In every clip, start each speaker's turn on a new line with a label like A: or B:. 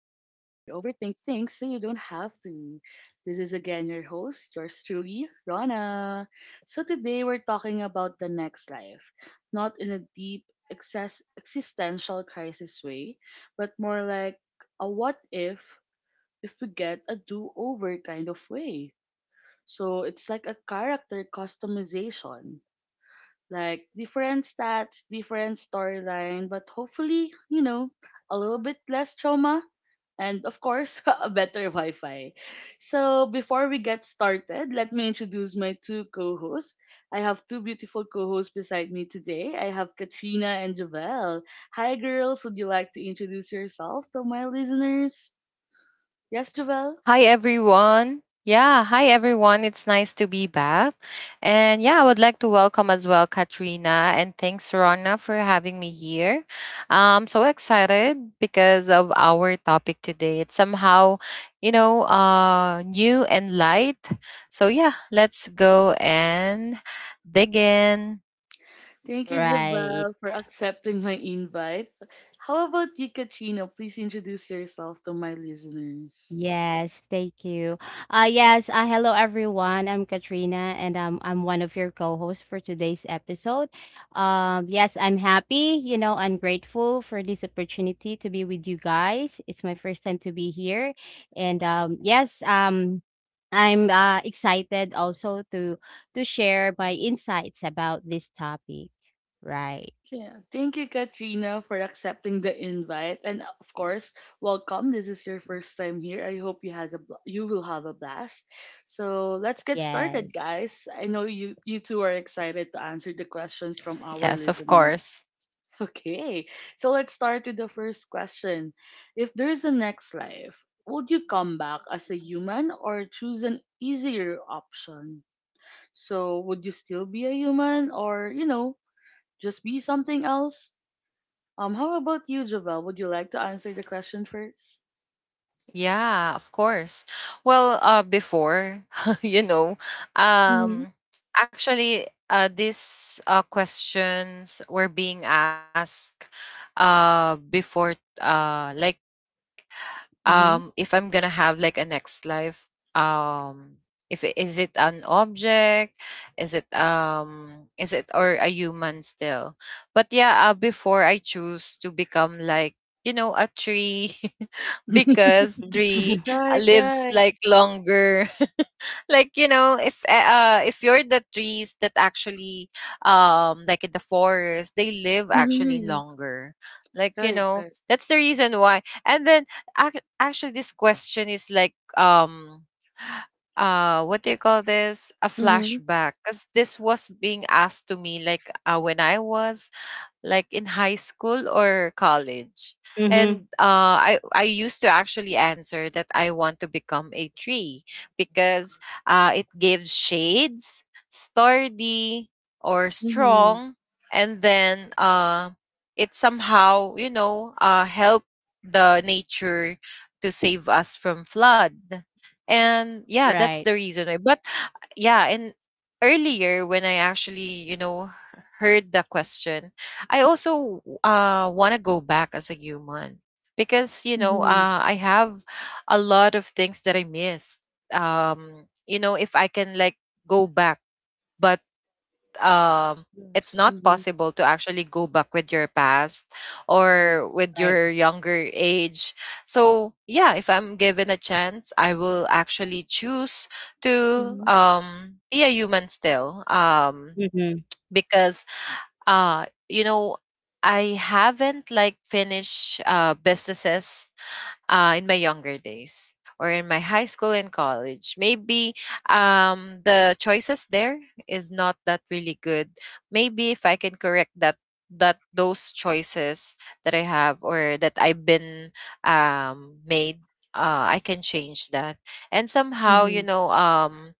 A: overthink things so you don't have to. This is again your host, yours truly, Rana. So today we're talking about the next life, not in a deep excess existential crisis way, but more like a what if we get a do-over kind of way. So it's like a character customization like different stats, different storyline, but hopefully, a little bit less trauma and of course, a better Wi-Fi. So, before we get started, let me introduce my two co-hosts. I have two beautiful co-hosts beside me today. I have Katrina and Javel. Hi girls, would you like to introduce yourself to my listeners? Yes, Javel?
B: Hi everyone. Yeah, hi everyone. It's nice to be back. And yeah, I would like to welcome as well Katrina and thanks Rona for having me here. I'm so excited because of our topic today. It's somehow, new and light. So yeah, let's go and dig in.
A: Thank you, Javel,
C: Right.
A: for accepting my invite. How about you, Katrina? Please introduce yourself to my listeners.
C: Yes, thank you. Yes, hello everyone. I'm Katrina and I'm one of your co-hosts for today's episode. Yes, I'm happy, you know, I'm grateful for this opportunity to be with you guys. It's my first time to be here and I'm excited also to share my insights about this topic. Right.
A: Yeah, thank you, Katrina, for accepting the invite, and of course, welcome. This is your first time here. I hope you you will have a blast. So let's get started,
C: Yes.
A: guys. I know you two are excited to answer the questions from our
B: Yes, of
A: listeners.
B: course.
A: Okay, so let's start with the first question. If there's a next life, would you come back as a human or choose an easier option? So, would you still be a human or, just be something else? How about you, Javel? Would you like to answer the question first?
B: Yeah, of course. Well, before, you know,
A: Mm-hmm.
B: um, actually, these questions were being asked before, uh, like
A: Mm-hmm.
B: if I'm gonna have like a next life, um if is it an object, is it, is it or a human still? But yeah, before I choose to become, like, you know, a tree, because tree,
A: Right,
B: lives,
A: right.
B: like, longer. Like, you know, if if you're the trees that actually, like in the forest, they live actually
A: Mm-hmm.
B: longer. Like, you
A: Right,
B: know,
A: right.
B: that's the reason why. And then actually this question is like, what do you call this, a
A: Mm-hmm.
B: flashback, because this was being asked to me like, when I was like in high school or college.
C: Mm-hmm.
B: And I used to actually answer that I want to become a tree because, it gives shades, sturdy or
A: Mm-hmm.
B: strong, and then, it somehow, you know, help the nature to save us from flood. And yeah, that's
C: Right.
B: the reason. why. But yeah, and earlier when I actually, you know, heard the question, I also, want to go back as a human because, you know,
A: Mm-hmm.
B: I have a lot of things that I missed. You know, if I can, like, go back, but, um, it's
A: Yes.
B: not
A: Mm-hmm.
B: possible to actually go back with your past
A: Right.
B: or with
C: Right.
B: your younger age. So yeah, if I'm given a chance, I will actually choose to,
A: Mm-hmm.
B: be a human still.
C: Mm-hmm.
B: Because, you know, I haven't, like, finished, businesses, in my younger days or in my high school and college. Maybe, the choices there is not that really good. Maybe if I can correct that, those choices that I have or that I've been, made, I can change that. And somehow,
A: Mm-hmm.
B: you know,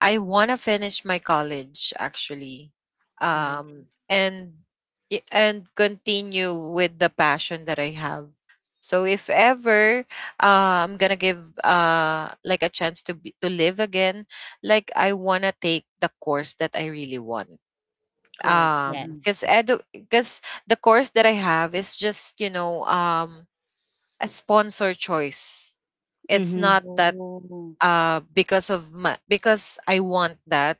B: I want to finish my college actually,
A: Right.
B: and and continue with the passion that I have. So if ever, I'm gonna give, like, a chance to be, to live again, like I wanna take the course that I really want.
A: Correct.
B: Um, cause
C: Yes.
B: edu- cause the course that I have is just, you know, um, a sponsor choice. It's
C: Mhm.
B: not that,
A: Oh.
B: because of my because I want that.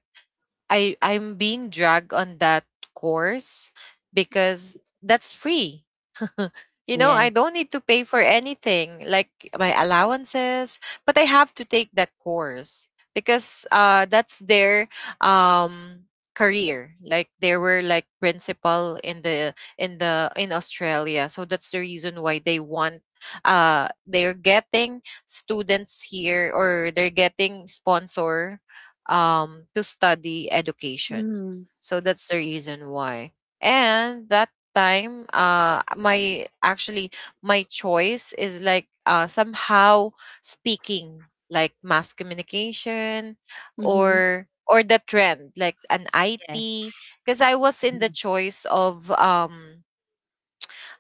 B: I'm being dragged on that course because that's free. You know, I
C: Yes,
B: don't need to pay for anything, like my allowances, but I have to take that course because, that's their, um, career. Like they were like principal in the in the in Australia, so that's the reason why they want, they're getting students here, or they're getting sponsor, to study education,
A: Mhm.
B: so that's the reason why. And that time, my choice is like, somehow, speaking like mass communication,
A: Mhm.
B: or the trend like an
C: yes.
B: IT, because I was in the
C: Mhm.
B: choice of, um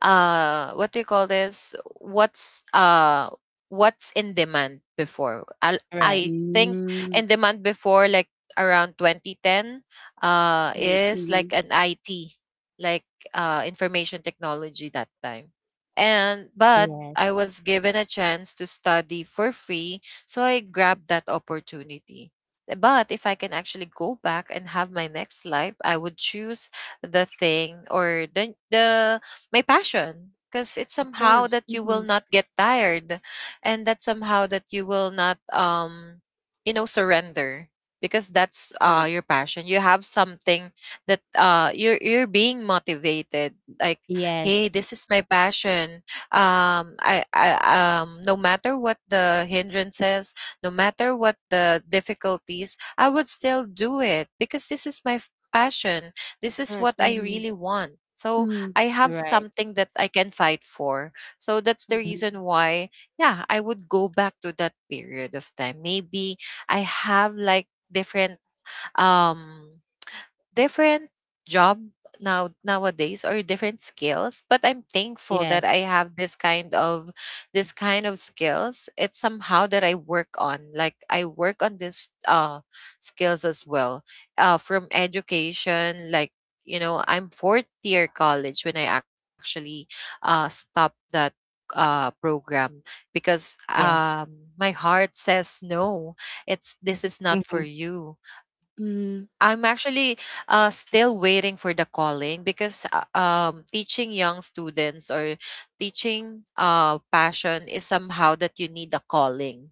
B: uh what do you call this, what's, what's in demand before,
C: Right.
B: I think
A: Mm.
B: in demand before, like, around 2010,
A: Right.
B: is
A: Mhm.
B: like an IT, like, information technology, that time. And but I
C: Yes.
B: was given a chance to study for free, so I grabbed that opportunity. But if I can actually go back and have my next life, I would choose the thing or the my passion, because it's
A: Of
B: somehow
A: course.
B: that you will
A: Mhm.
B: not get tired, and that somehow that you will not, you know, surrender, because that's,
A: Correct.
B: your passion. You have something that, you're being motivated, like,
C: Yes.
B: hey, this is my passion. I No matter what the hindrances, no matter what the difficulties, I would still do it because this is my passion, this is
A: Correct.
B: what I
A: Mhm.
B: really want. So
A: Mhm.
B: I have
C: Right.
B: something that I can fight for. So that's the reason
C: Mhm.
B: why, yeah, I would go back to that period of time. Maybe I have like different, um different job now, nowadays, or different skills. But I'm thankful that I
C: Yes.
B: have this kind of, skills. It's somehow that I work on this, skills as well, from education. Like, you know, I'm fourth year college when I actually, stopped that, program because,
C: Yes.
B: my heart says no, it's this is not for
C: Mhm.
B: you.
A: Mhm.
B: I'm actually, still waiting for the calling, because, teaching young students or teaching, passion is somehow that you need a calling,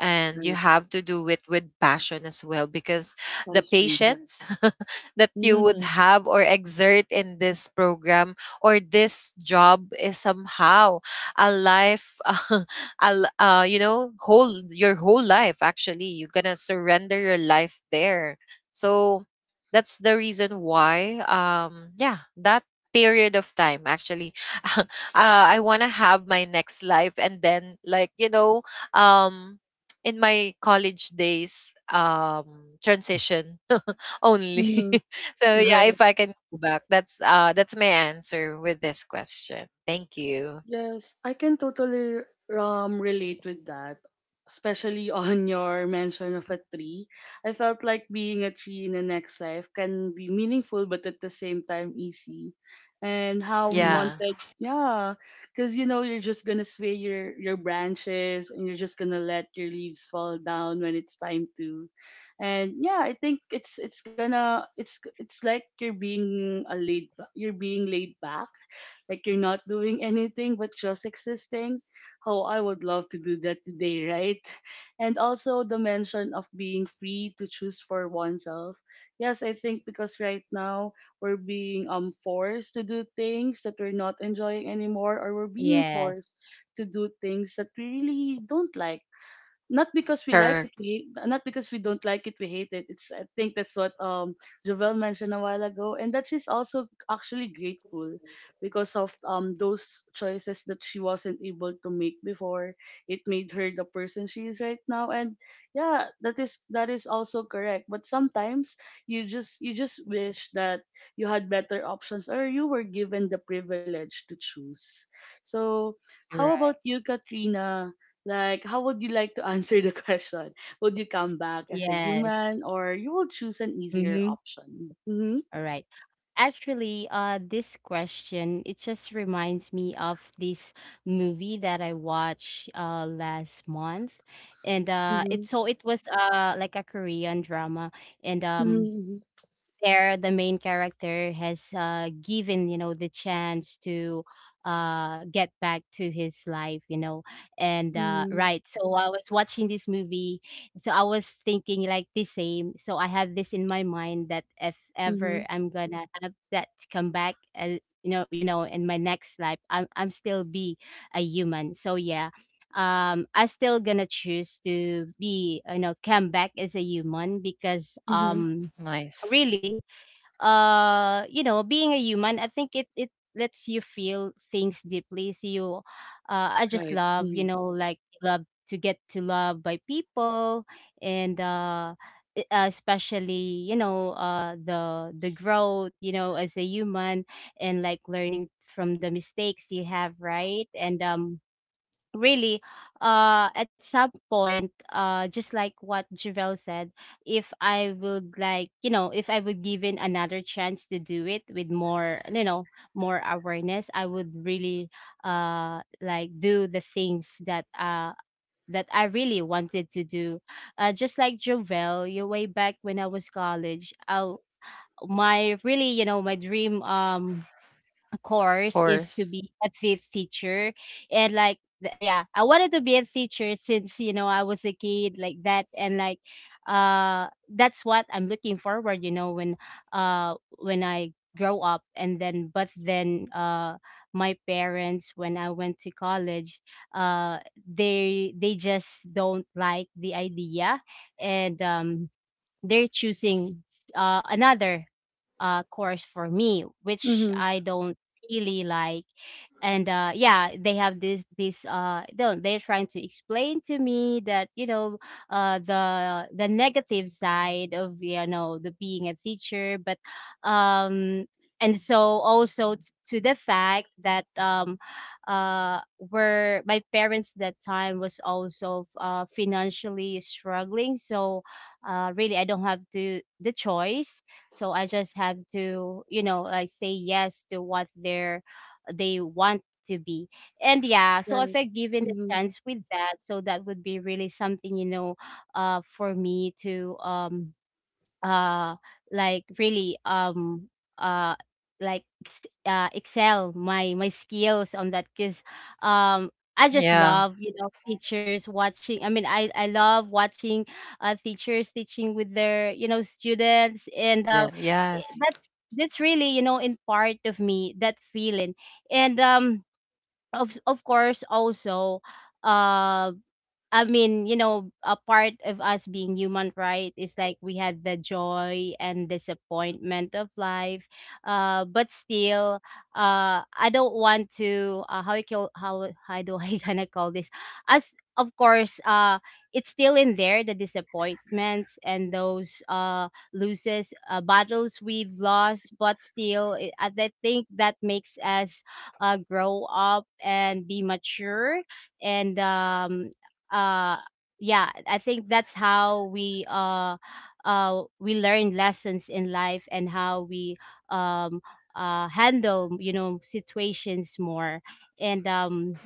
B: and you
A: Right.
B: have to do it with passion as well, because
A: That
B: the
A: is true. Yeah.
B: patience that you would
A: Mhm.
B: have or exert in this program or this job is somehow a life, you know, whole your whole life, actually you're gonna surrender your life there. So that's the reason why, yeah, that period of time actually, uh, I want to have my next life and then, like, you know, um in my college days, transition only.
A: Mhm.
B: So yeah,
A: Right.
B: if I can go back, that's my answer with this question. Thank you.
A: Yes, I can totally relate with that, especially on your mention of a tree. I felt like being a tree in the next life can be meaningful, but at the same time easy. And how we
B: Yeah.
C: Mhm.
A: wanted, yeah, because you're just gonna sway your branches and you're just gonna let your leaves fall down when it's time to. And yeah, I think it's gonna it's like you're being laid back, like you're not doing anything but just existing. Oh, I would love to do that today, right? And also the mention of being free to choose for oneself. Yes, I think because right now we're being forced to do things that we're not enjoying anymore, or we're being
C: Yes.
A: forced to do things that we really don't like, not because we like
B: Correct.
A: it, we hate, not because we don't like it, we hate it. It's, I think that's what Jovel mentioned a while ago, and that she's also actually grateful because of those choices that she wasn't able to make before. It made her the person she is right now, and yeah, that is also correct. But sometimes you just wish that you had better options or you were given the privilege to choose. So how about
C: Right.
A: you, Katrina? Like, how would you like to answer the question? Would you come back as a
C: Yes.
A: human, or you will choose an easier
C: Mhm.
A: option? Mm-hmm.
C: All right. Actually, this question, it just reminds me of this movie that I watched last month. And
A: Mhm.
C: it so it was like a Korean drama, and
A: Mhm.
C: there the main character has given, you know, the chance to get back to his life, you know. and uh,
A: Mhm.
C: right so I was watching this movie, so I was thinking like the same, so I had this in my mind that if
A: Mhm.
C: ever I'm gonna have that to come back, you know, in my next life, I'm still be a human. So yeah, I still gonna choose to, be you know, come back as a human because
A: Mhm.
B: Nice.
C: really, you know, being a human, I think it lets you feel things deeply. So you, I just
A: Right.
C: love, you
A: Mm.
C: know, like love to get to love by people. And especially, you know, the growth, you know, as a human, and like learning from the mistakes you have, right? And really, at some point, just like what Javel said, if I would like, you know, if I would given another chance to do it with more, you know, more awareness, I would really, like, do the things that that I really wanted to do. Just like Javel, you, way back when I was college, I, my, really, you know, my dream
B: Of
C: course is
B: course.
C: to be a teacher. And like yeah, I wanted to be a teacher since, you know, I was a kid like that. And like, uh that's what I'm looking forward, you know, when I grow up. And then, but then, my parents, when I went to college, they just don't like the idea. And they're choosing another course for me, which
A: Mhm.
C: I don't really like. And yeah, they have this this don't they're trying to explain to me that, you know, the negative side of, you know, the being a teacher. But um, and so also to the fact that were my parents that time was also financially struggling, so really I don't have to the choice. So I just have to, you know, like, say yes to what they're, they want to be. And yeah, so if
A: Right.
C: I given a
A: Mhm.
C: chance with that, so that would be really something, you know, for me to uh like really uh like excel my my skills on that, because um I just
B: Yeah.
C: love, you know, teachers watching I mean I love watching teachers teaching with their, you know, students. And
B: Then yes.
C: that's really, you know, in part of me, that feeling. And of course, also, um I mean, you know, a part of us being human, right, is like we had the joy and disappointment of life. But still, I don't want to. How you call how do I gonna call this? As of course, it's still in there, the disappointments and those loses, battles we've lost. But still, it, I think that makes us grow up and be mature. And uh yeah, I think that's how we, we learn lessons in life, and how we um handle, you know, situations more. And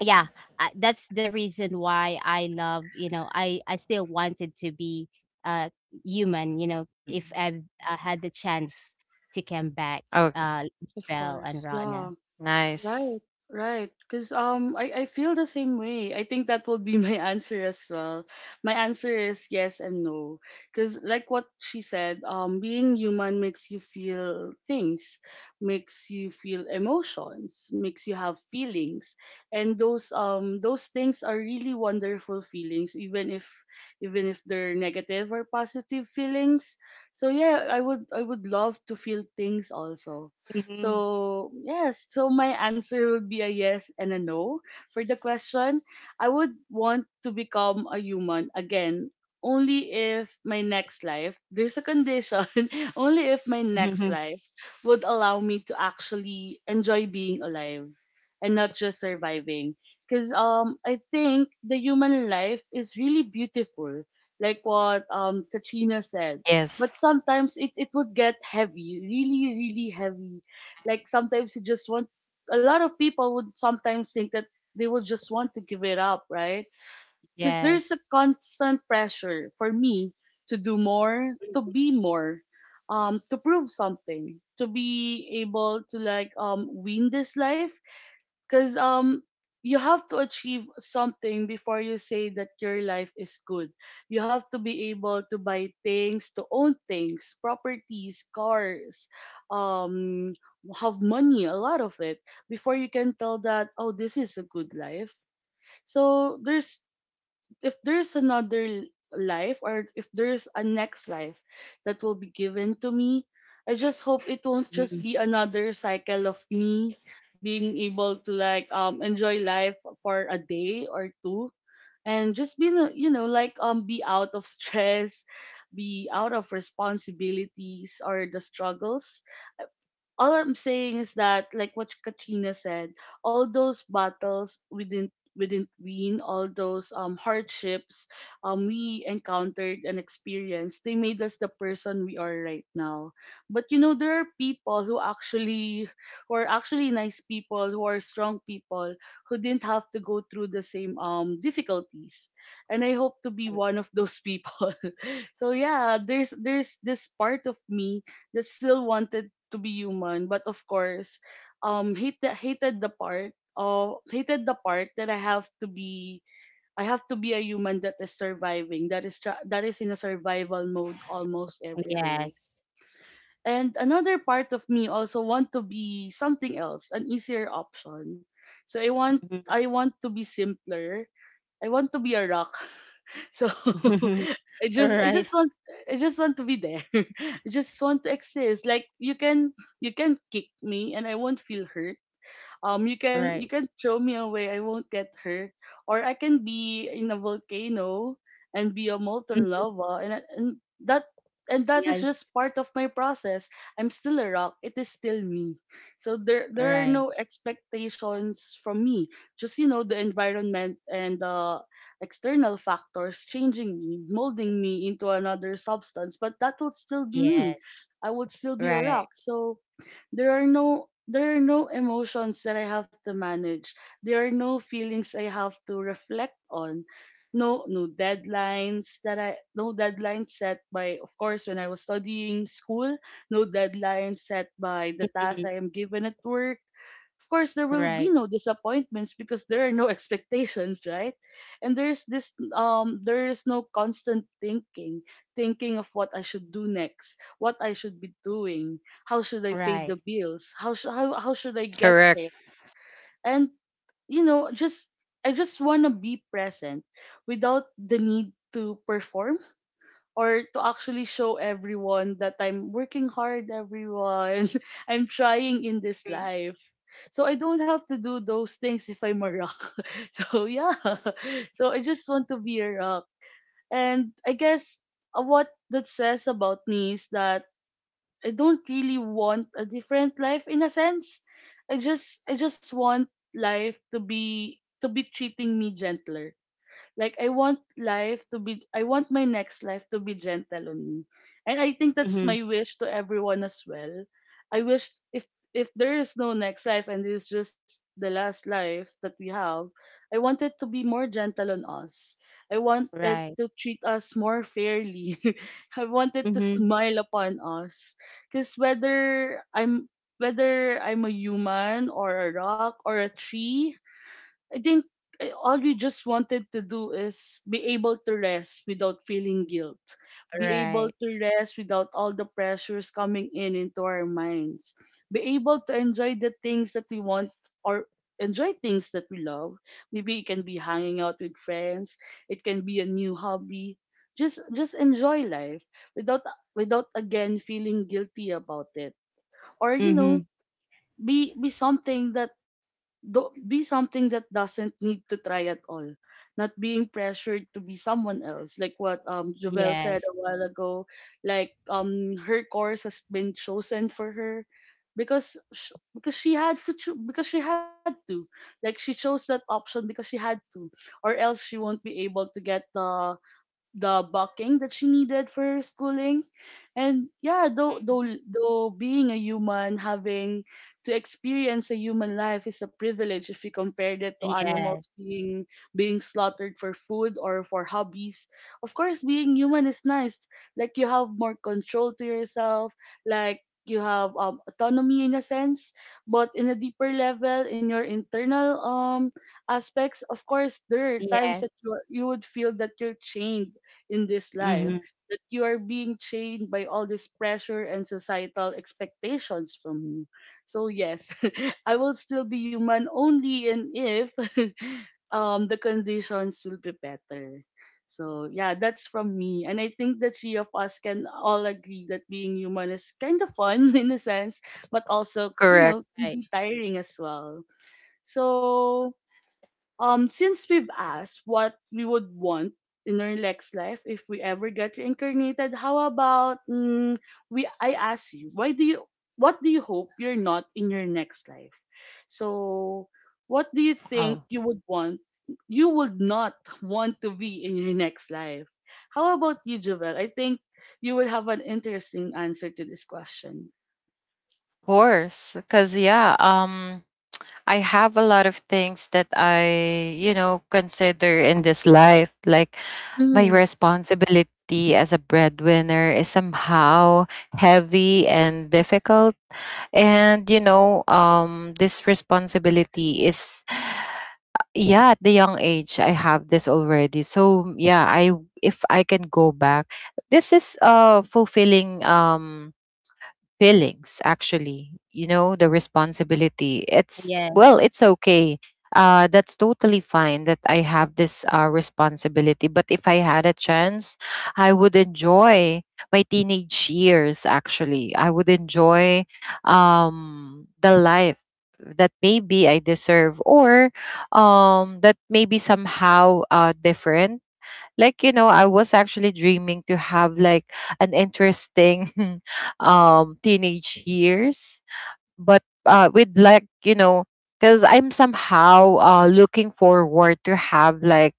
C: yeah, that's the reason why I love, you know, I still wanted to be uh human, you know, if I've had the chance to come back,
B: Okay.
C: uh
A: Of
C: Bell and
A: course.
C: Rana.
A: Yeah.
B: Nice.
A: Right, right. Because I feel the same way. I think that will be my answer as well. My answer is yes and no. Because, like what she said, being human makes you feel things, makes you feel emotions, makes you have feelings, and those things are really wonderful feelings, even if they're negative or positive feelings. So yeah, I would love to feel things also,
C: Mhm.
A: so, yes, so my answer would be a yes and a no. For the question, I would want to become a human again only if my next life, there's a condition, only if my next life would allow me to actually enjoy being alive and not just surviving. Because I think the human life is really beautiful, like what Katrina said.
B: Yes.
A: But sometimes it would get heavy, really, really heavy, like sometimes you just want. A lot of people would sometimes think that they would just want to give it up, right? Because there's
C: Yes.
A: a constant pressure for me to do more, to be more, to prove something, to be able to like win this life, because you have to achieve something before you say that your life is good. You have to be able to buy things, to own things, properties, cars, um have money, a lot of it, before you can tell that, oh, this is a good life. So there's, if there's another life or if there's a next life that will be given to me, I just hope it won't just
C: Mhm.
A: be another cycle of me being able to like enjoy life for a day or two and just be like be out of stress, be out of responsibilities or the struggles. All I'm saying is that, like what Katrina said, all those battles we didn't win, all those hardships we encountered and experienced, they made us the person we are right now. But there are people who actually who are actually nice people, who are strong people, who didn't have to go through the same difficulties. And I hope to be one of those people. So yeah, there's this part of me that still wanted to be human, but of course hated the part of hated the part that I have to be a human that is surviving, that that is in a survival mode almost every day.
C: Yes.
A: And another part of me also want to be something else, an easier option. So i want
C: Mhm.
A: i want to be simpler. I want to be a rock. So i just i just
C: Right,
A: want I just want to be there. I just want to exist, like you can kick me and I won't feel hurt, you can you
C: right.
A: can throw me away, I won't get hurt. Or I can be in a volcano and be a molten
C: Mhm.
A: lava, and that and that is
C: Yes.
A: just part of my process. I'm still a rock, it is still me, so there are
C: Right.
A: no expectations from me, just the environment and the external factors changing me, molding me into another substance, but that would still be me.
C: Yes.
A: I would still be a
C: Right.
A: rock, so there are no emotions that I have to manage. There are no feelings I have to reflect on. No deadlines set by, of course, when I was studying school, no deadlines set by the tasks
C: Mhm.
A: I am given at work. Of course there will be
C: Right.
A: no disappointments because there are no expectations, right? And there is no constant thinking, thinking of what I should do next, what I should be doing, how should I pay the
C: Right.
A: bills? How sh- how should I get
B: Correct.
A: there? And just I just want to be present without the need to perform, or to actually show everyone that I'm working hard, everyone. I'm trying in this
C: Mm.
A: life. So I don't have to do those things if I'm a rock. So yeah. So I just want to be a rock. And I guess what that says about me is that I don't really want a different life, in a sense. I just want life to be, to be treating me gentler. Like, I want my next life to be gentle on me. And I think that's
C: Mhm.
A: my wish to everyone as well. I wish, if there is no next life and it's just the last life that we have, I want it to be more gentle on us. I want it
C: Right.
A: to treat us more fairly. I want it to
C: Mhm.
A: smile upon us. Cause whether I'm, a human or a rock or a tree, I think, all we just wanted to do is be able to rest without feeling guilt, be able
C: Right.
A: to rest without all the pressures coming in into our minds, be able to enjoy the things that we want or enjoy things that we love. Maybe it can be hanging out with friends, it can be a new hobby. Just enjoy life without without again feeling guilty about it. Or
C: Mhm.
A: be something that be something that doesn't need to try at all, not being pressured to be someone else, like what Jovel said a
C: Yes.
A: while ago. Like her course has been chosen for her because because she had to because she had to, like she chose that option because she had to, or else she won't be able to get the bucking that she needed for her schooling. And yeah, though being a human, having to experience a human life is a privilege if you compare it to
C: Yes.
A: animals being slaughtered for food or for hobbies. Of course, being human is nice. Like, you have more control to yourself, like you have autonomy in a sense, but in a deeper level, in your internal aspects, of course, there are times that
C: Yes.
A: you would feel that you're chained in this life,
C: Mhm.
A: that you are being chained by all this pressure and societal expectations from you. So yes, I will still be human only and if the conditions will be better. So yeah, that's from me. And I think the three of us can all agree that being human is kind of fun in a sense, but also, you
B: Correct.
C: Right.
A: know, can be tiring as well. So since we've asked what we would want in our next life if we ever get reincarnated, how about we? I ask you, why do you? What do you hope you're not in your next life? So, what do you
B: Oh,
A: think you would want? You would not want to be in your next life. How about you, Jovel? I think you would have an interesting answer to this question.
B: of course. Because, yeah, I have a lot of things that I, you know, consider in this life. Like, my
A: Mm-hmm.
B: responsibility as a breadwinner is somehow heavy and difficult. And, you know, this responsibility is, yeah, at the young age I have this already. So yeah, I if I can go back, this is, fulfilling, feelings. Actually, you know, the responsibility, it's well,
C: Yes.
B: it's okay, that's totally fine that I have this, responsibility. But if I had a chance, I would enjoy my teenage years. Actually, I would enjoy, the life that maybe I deserve, or, that maybe somehow, different. Like, you know, I was actually dreaming to have like an interesting teenage years, but, with, like, you know, because I'm somehow, looking forward to have like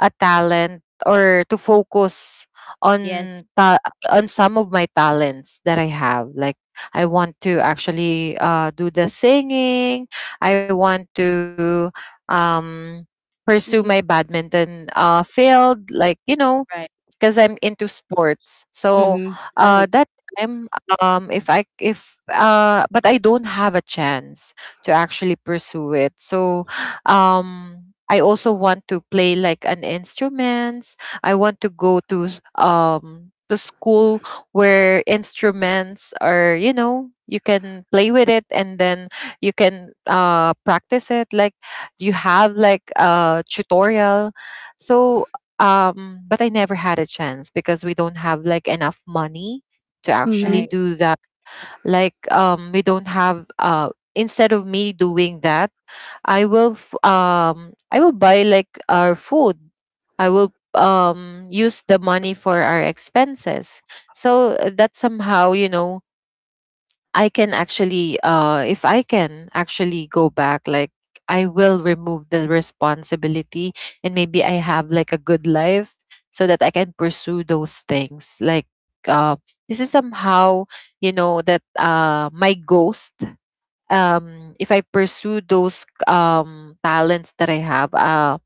B: a talent, or to focus on
C: Yes.
B: ta- on some of my talents that I have. Like, I want to actually, do the singing. I want to, um pursue
A: Mm-hmm.
B: my badminton, field, like, you know,
C: Right.
B: because I'm into sports. So,
C: Mhm.
A: Right.
B: that time, if I if but I don't have a chance to actually pursue it. So, I also want to play like an instruments. I want to go to to school where instruments are, you know, you can play with it, and then you can, practice it, like you have like a tutorial. So, but I never had a chance because we don't have like enough money to actually
C: Right.
A: Mm-hmm.
B: do that. Like, we don't have. Instead of me doing that, I will I will buy like our food. I will, use the money for our expenses. So, that somehow, you know, if I can actually go back, like, I will remove the responsibility and maybe I have like a good life, so that I can pursue those things. Like, this is somehow, you know, that, my ghost, if I pursue those, talents that I have,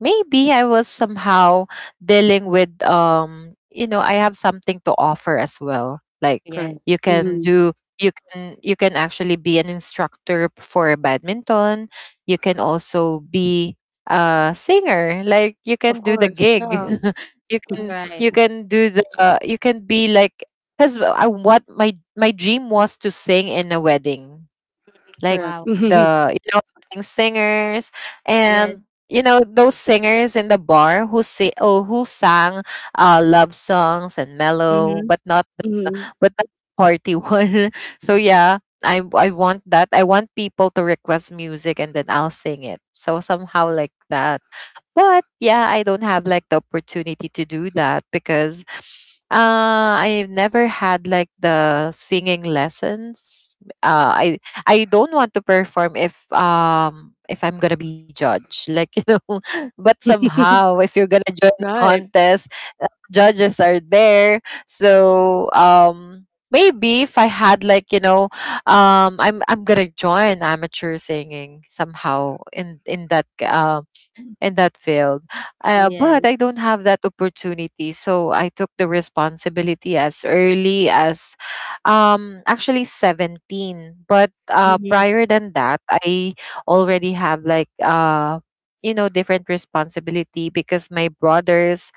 B: maybe I was somehow dealing with, you know, I have something to offer as well. Like,
A: Correct.
C: Yes.
B: you can
A: Mm-hmm.
B: do you can, actually be an instructor for badminton, you can also be a singer, like you
A: Of
B: can do the
A: course.
B: gig,
A: Yeah.
B: you can
C: Right.
B: you can do the, you can be like, because what my dream was to sing in a wedding, like
A: Correct.
C: Wow.
B: the, you know, wedding singers,
C: Yes.
B: and, you know, those singers in the bar who say, oh, who sang, love songs and mellow,
C: Mhm.
A: Mhm.
B: but not the party one. So yeah, I want that, I want people to request music and then I'll sing it, so somehow like that. But yeah, I don't have like the opportunity to do that because, I've never had like the singing lessons. Uh I I don't want to perform if, if I'm gonna be judged. Like, you know, but somehow if you're gonna join the
A: Right,
B: contest, judges are there. So, maybe if I had like, you know, I'm gonna join amateur singing somehow in that, in that field. But
C: Yes.
B: I don't have that opportunity. So I took the responsibility as early as, actually 17. But
C: Mhm.
B: prior than that, I already have like different responsibility because my brothers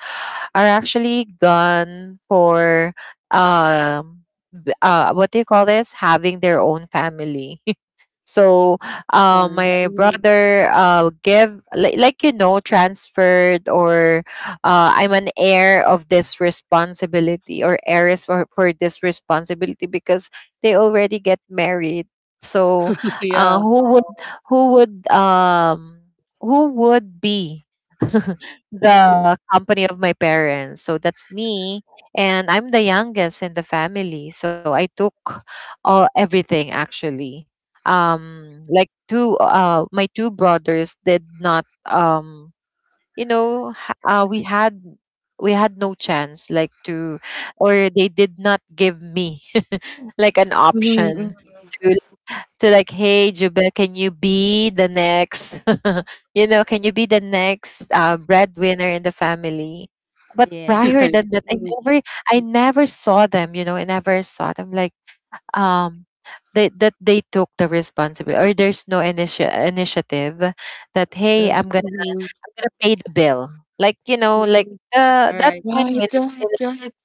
B: are actually gone for um what do you call this, having their own family. So
A: of course.
B: my
C: Yes.
A: Mhm.
B: brother give like transferred or I'm an heir of this responsibility or heiress for this responsibility because they already get married. So uh,
A: Yeah.
B: who would
C: Oh.
B: who would um who would be the company of my parents. So that's me. And I'm the youngest in the family. So I took all everything actually. Like two my two brothers did not you know ha- uh, we had we had no chance like to or they did not give me like an
A: Mhm, mhm.
B: option to to like, hey, Jubel, can you be the next, can you be the next breadwinner in the family? But
C: Yes.
B: prior
A: Right.
B: than that,
A: Mhm.
B: I never saw them, I never saw them like, um, that they took the responsibility or there's no initiative that, hey, I'm
A: Correct.
B: going to
A: Mhm.
B: I'm gonna pay the bill. Like, like
C: Mhm.
B: that
C: Right.
B: kind of
A: Right, right,
B: initi-
A: right.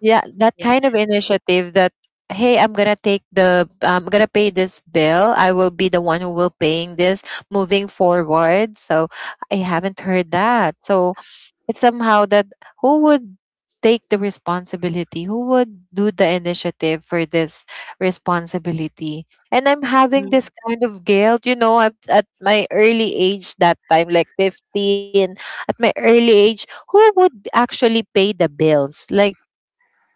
B: yeah, that
C: Yes.
B: kind of initiative that hey, I'm gonna pay this bill. I will be the one who will paying this moving forward. So I haven't heard that. So it's somehow that who would take the responsibility? Who would do the initiative for this responsibility? And I'm having this
C: Mhm.
B: kind of guilt, you know, at my early age that time, like 15, at my early age, who would actually pay the bills? Like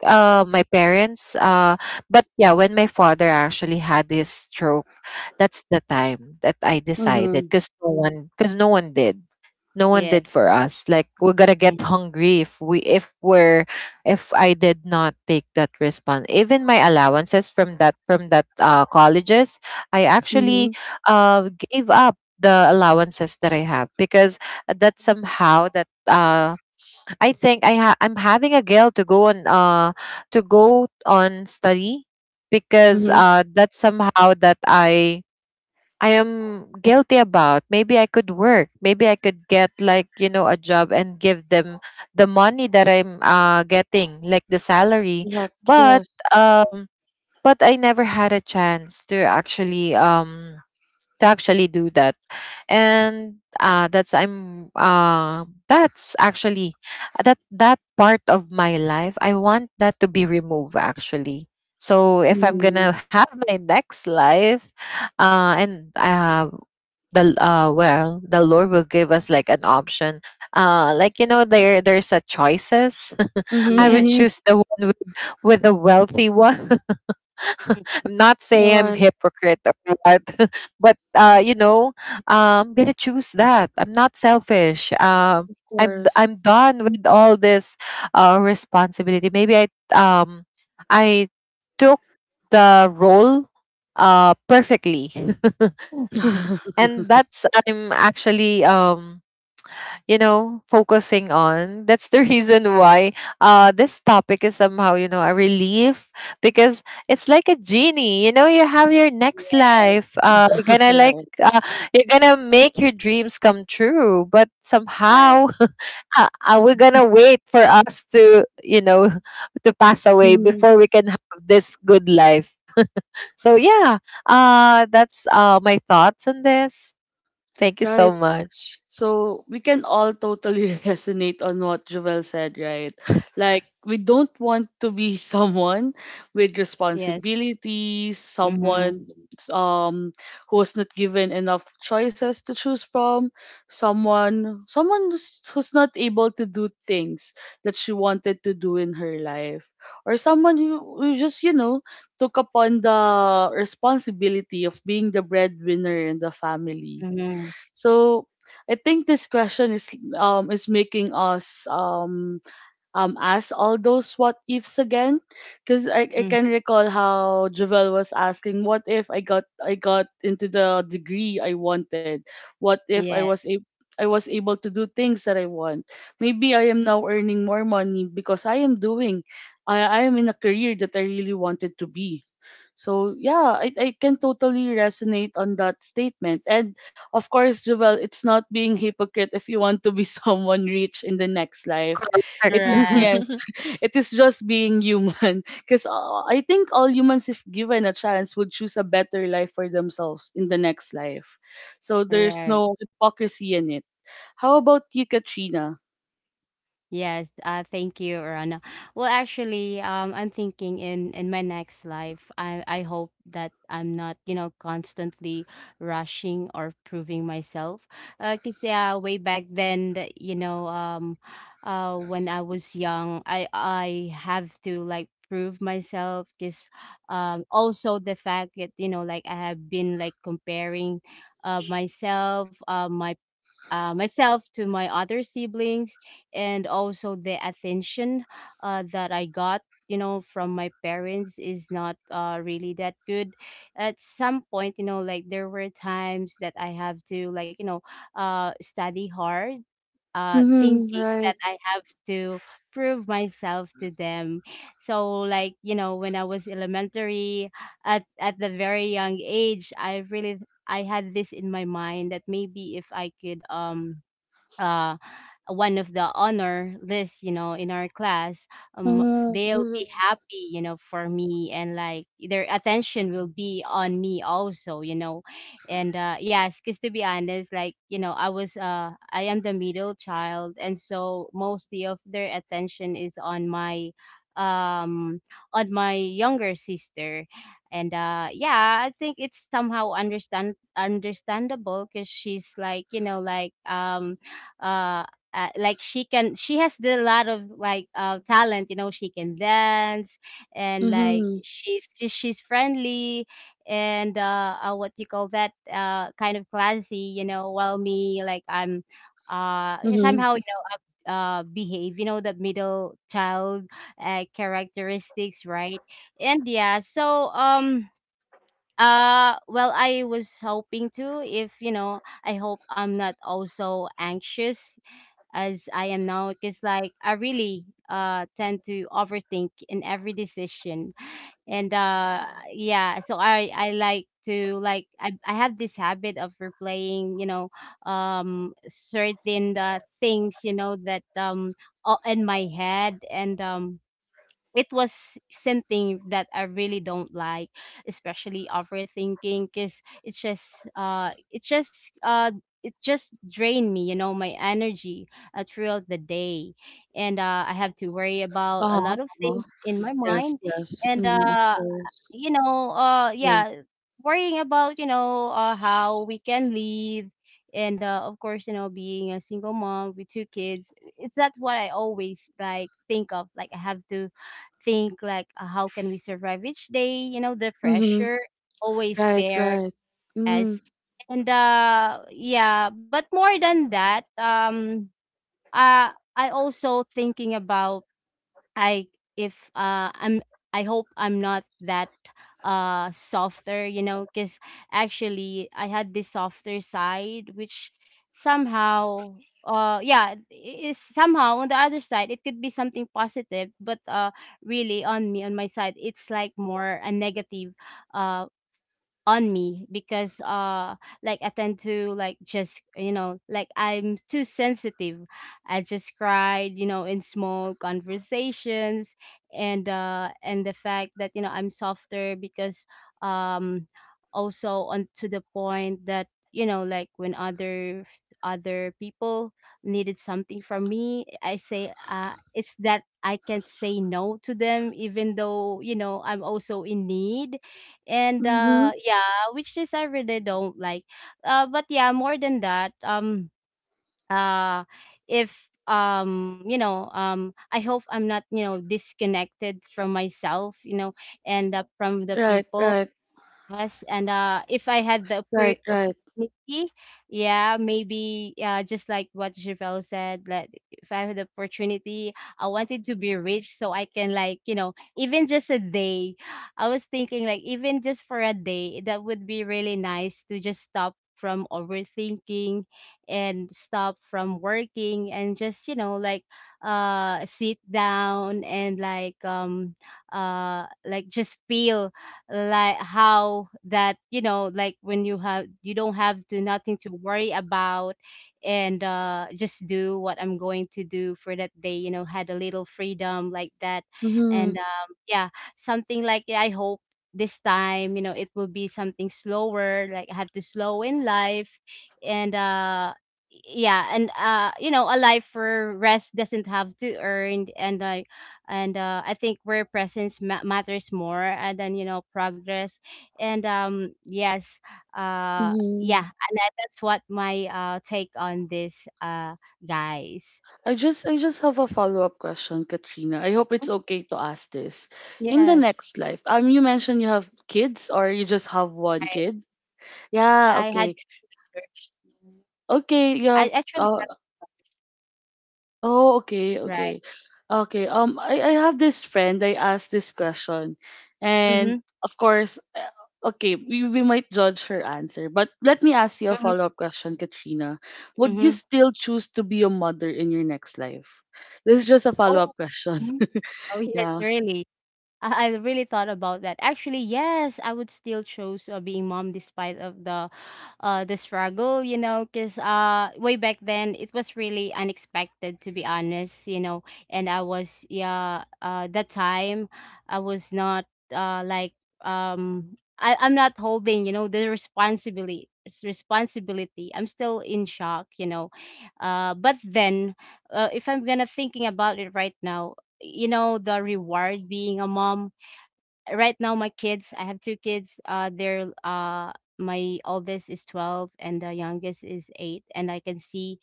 B: my parents. But yeah, when my father actually had his stroke, that's the time that I decided
A: Mhm.
B: because no one, because no one did. No one did
C: Yes.
B: for us. Like we're gonna get
C: Mhm.
B: hungry if I did not take that response. Even my allowances from that colleges, I actually
A: Mhm.
B: gave up the allowances that I have because that somehow that I think I'm having a guilt to go on study because
A: Mhm.
B: that's somehow that I am guilty about. Maybe I could work. Maybe I could get like a job and give them the money that I'm getting like the salary.
A: Correct.
B: But
A: Yes.
B: um but I never had a chance to actually do that and that's I'm that's actually that part of my life I want that to be removed actually. So if I'm gonna
A: Mhm.
B: have my next life, and the well, the Lord will give us like an option. Like there's a choices.
A: Mhm,
B: I would
C: Yes.
A: mhm.
B: choose the one with the wealthy one. I'm not saying I'm
A: Right, of
B: hypocrite or what, but I'm gonna choose that. I'm not selfish.
A: course.
B: I'm done with all this responsibility. Maybe um I took the role perfectly, and that's I'm actually focusing on that's the reason why this topic is somehow a relief because it's like a genie, you know, you have your next
C: Yes,
B: life
A: Right.
B: uh, you're gonna make your dreams come true but
C: right.
B: somehow we're gonna wait for us to to pass away
A: Mhm.
B: before we can have this good life. So yeah, that's my thoughts on this. Thank you
A: Right.
B: so much.
A: So we can all totally resonate on what Joel said, right? Like, we don't want to be someone with
C: Yes.
A: responsibilities,
C: Mm-hmm.
A: someone um who was not given enough choices to choose from, someone who's, who's not able to do things that she wanted to do in her life, or someone who just, you know, took upon the responsibility of being the breadwinner in the family.
C: Mm-hmm.
A: So I think this question is making us ask all those what ifs again, because I
C: Mm.
A: can recall how Javel was asking, what if I got into the degree I wanted, what if I was
C: Yes.
A: a I was able to do things that I want. Maybe I am now earning more money because I am doing I am in a career that I really wanted to be. So yeah, I can totally resonate on that statement. And of course, Jovel, it's not being hypocrite if you want to be someone rich in the next life.
B: Correct.
A: It
C: Right.
A: Yes, it is just being human. Because I think all humans, if given a chance, would choose a better life for themselves in the next life. So there's
C: Right.
A: no hypocrisy in it. How about you, Katrina?
C: Yes, thank you, Rana. Well, actually, I'm thinking, in my next life, I hope that I'm not, you know, constantly rushing or proving myself. 'Cause yeah, way back then, you know, when I was young, I have to like prove myself. Cause, also the fact that, you know, like, I have been like comparing, uh, myself, uh, my myself to my other siblings. And also the attention that I got, you know, from my parents is not, really that good. At some point, you know, like there were times that I have to like, you know, study hard,
A: Mm-hmm,
C: thinking
A: right.
C: that I have to prove myself to them. So like, you know, when I was elementary, at the very young age, I really, I had this in my mind that maybe if I could uh, one of the honor list, you know, in our class, they'll be
A: Mm-hmm,
C: happy, you know, for me, and like their attention will be on me also, you know. And yes, because to be honest, like, you know, I am the middle child, and so mostly of their attention is um, on my younger sister. And yeah, I think it's somehow understandable because she's like, you know, uh, like she can, she has the lot of like, talent, you know, she can dance. And like
A: mm-hmm,
C: she's, she's friendly, and what you call that, kind of classy, you know, while me, like, I'm
A: mm-hmm.
C: somehow, you know, behave, you know, the middle child characteristics, right? And yeah, so well, I was hoping to, if you know, I hope I'm not also anxious as I am now, because like I really tend to overthink in every decision. And yeah, so I like to like, I have this habit of replaying, you know, certain things, you know, that in my head. And it was something that I really don't like, especially overthinking, because it just drained me, you know, my energy throughout the day. And I have to worry about a lot of
A: Uh-huh.
C: things in my
A: Yes,
C: mind.
A: yes.
C: And
A: Mm-hmm, of course.
C: you know,
A: Yes.
C: yeah, worrying about, you know, how we can live. And of course, you know, being a single mom with two kids, it's not what I always like think of. Like I have to think like, how can we survive each day. You know, the
A: Mm-hmm.
C: pressure always
A: Right,
C: there
A: right. Mm-hmm.
C: as. And yeah, but more than that, uh, I also thinking about, I I'm, I hope I'm not that softer, you know, cuz actually I had this softer side which somehow, yeah, is somehow on the other side it could be something positive, but really on me, on my side, it's like more a negative uh on me, because like I tend to like, just, you know, like I'm too sensitive. I just cried, you know, in small conversations. And and the fact that, you know, I'm softer because um also on to the point that, you know, like when other people needed something from me, I say it's that I can't say no to them, even though, you know, I'm also in need. And
A: Mm-hmm.
C: yeah, which is I really don't like. But yeah, more than that, uh if you know, I hope I'm not, you know, disconnected from myself, you know, and from the
A: Right,
C: people.
A: right,
C: Yes, and if I had the
A: right, right.
C: opportunity, yeah, maybe, just like what Javel said, that if I had the opportunity, I wanted to be rich so I can, like, you know, even just a day. I was thinking like even just for a day, that would be really nice to just stop from overthinking and stop from working and just, you know, like sit down and, like, like just feel, like, how that, you know, like when you don't have to nothing to worry about, and just do what I'm going to do for that day, you know, had a little freedom like that.
A: Mm-hmm.
C: And yeah, something like, "Yeah, I hope this time, you know, it will be something slower, like I have to slow in life." And yeah, and you know, a life for rest doesn't have to earn. And I think where presence matters more, than, you know, progress. And yes, uh, yeah,
A: Mm-hmm.
C: and that's what my take on this, guys.
A: I just have a follow-up question, Katrina. I hope
C: Mhm.
A: it's okay to ask this. In the
C: Yes.
A: next life, you mentioned you have kids, or you just have one
C: I,
A: kid? Yeah,
C: I had
A: okay.
C: research.
A: Okay,
C: I
A: you have
C: actually have
A: Oh,
C: to
A: okay,
C: write.
A: okay. Okay. Um, I have this friend, I asked this question.
C: Mm-hmm,
A: And of course, okay, we might judge her answer. But let me ask you a
C: mm-hmm,
A: follow-up question, Katrina. Would you
C: mm-hmm.
A: still choose to be a mother in your next life? This is just a
C: Oh,
A: follow-up question.
C: mhm. Oh, yes,
A: Yeah.
C: really. I really thought about that. Actually, yes, I would still choose, being mom, despite of the struggle. You know, because, way back then it was really unexpected, to be honest. You know, and I was, yeah, that time I was not like I'm not holding, you know, the responsibility. I'm still in shock. You know, but then, if I'm gonna thinking about it right now, you know, the reward being a mom. Right now my kids, I have two kids, they're my oldest is 12 and the youngest is 8, and I can see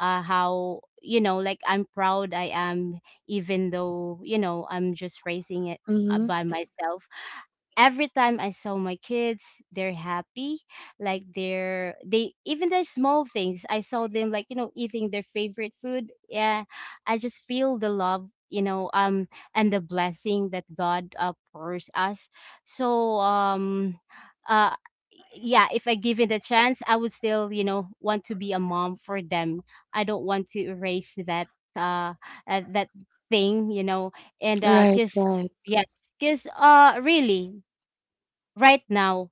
C: how, you know, like I'm proud I am, even though, you know, I'm just raising it
A: Mm-hmm.
C: by myself. Every time I saw my kids, they're happy. Like they're, they even the small things. I saw them, like, you know, eating their favorite food. Yeah, I just feel the love. You know, and the blessing that God, pours us. So uh yeah, if I given the chance, I would still, you know, want to be a mom for them. I don't want to erase that, uh, that thing, you know. And
A: Right,
C: cuz
A: right.
C: yes, cuz, really right now,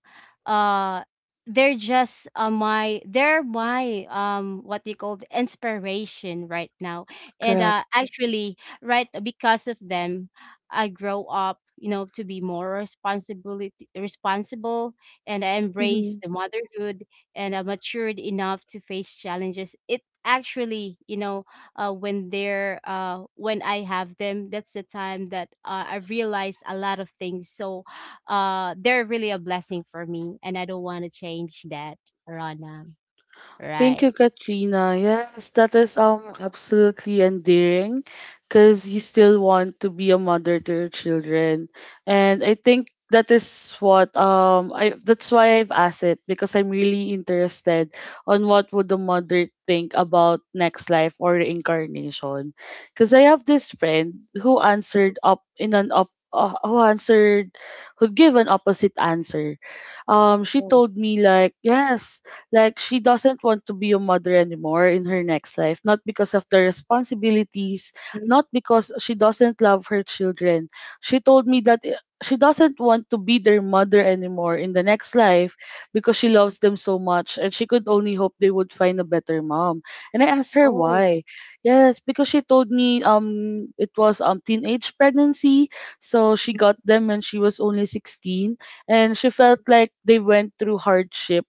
C: uh they're just, my they're my what you call the inspiration right now. And
A: Correct.
C: actually, right, because of them, I grow up, you know, to be more responsibility responsible, and I embrace
A: Mm-hmm.
C: the motherhood, and I matured enough to face challenges. It actually, you know, when I have them, that's the time that, I realize a lot of things. So they're really a blessing for me, and I don't want to change that, Rana.
A: Thank you,
C: Right.
A: Katrina. Yes, that is absolutely endearing because you still want to be a mother to your children. And I think that is what I that's why I've asked it, because I'm really interested on what would the mother think about next life or reincarnation. Because I have this friend who answered up in an up who answered, who gave an opposite answer. She
C: Oh.
A: told me, like, yes, like she doesn't want to be a mother anymore in her next life, not because of the responsibilities,
C: Mhm.
A: not because she doesn't love her children. She told me that she doesn't want to be their mother anymore in the next life because she loves them so much and she could only hope they would find a better mom. And I asked her why.
C: Oh.
A: Yes, because she told me it was teenage pregnancy, so she got them when she was only 16, and she felt like they went through hardship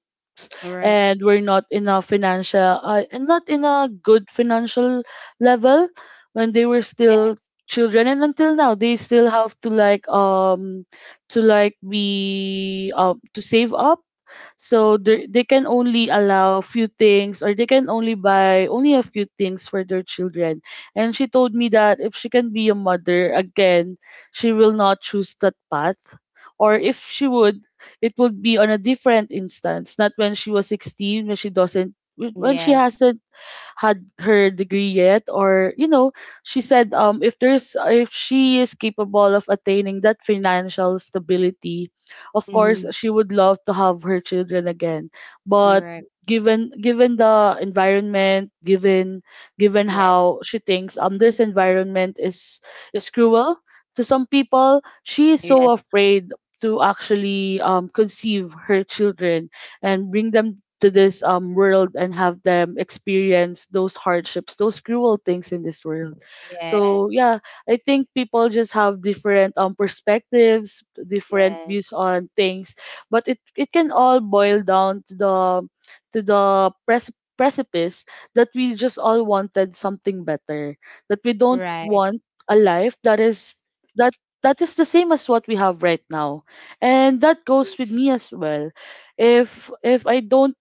C: All right.
A: and we're not in a financial and not in a good financial level when they were still children, and until now they still have to like be to save up, so they can only allow a few things, or they can only buy only a few things for their children. And she told me that if she can be a mother again, she will not choose that path. Or if she would, it would be on a different instance, not when she was 16, when she doesn't, when she
C: Yes.
A: hasn't had her degree yet, or you know, she said if there's, if she is capable of attaining that financial stability, of course
C: Mm-hmm.
A: she would love to have her children again. But
C: You're right.
A: given given the environment, given given
C: Yes.
A: how she thinks this environment is cruel to some people, she is
C: Yes.
A: so afraid to actually conceive her children and bring them to this world and have them experience those hardships, those cruel things in this world.
C: Yes.
A: So yeah, I think people just have different perspectives, different
C: Yes.
A: views on things, but it can all boil down to the precipice that we just all wanted something better, that we don't
C: Right.
A: want a life that is that that is the same as what we have right now. And that goes with me
C: Mhm.
A: as well. If I don't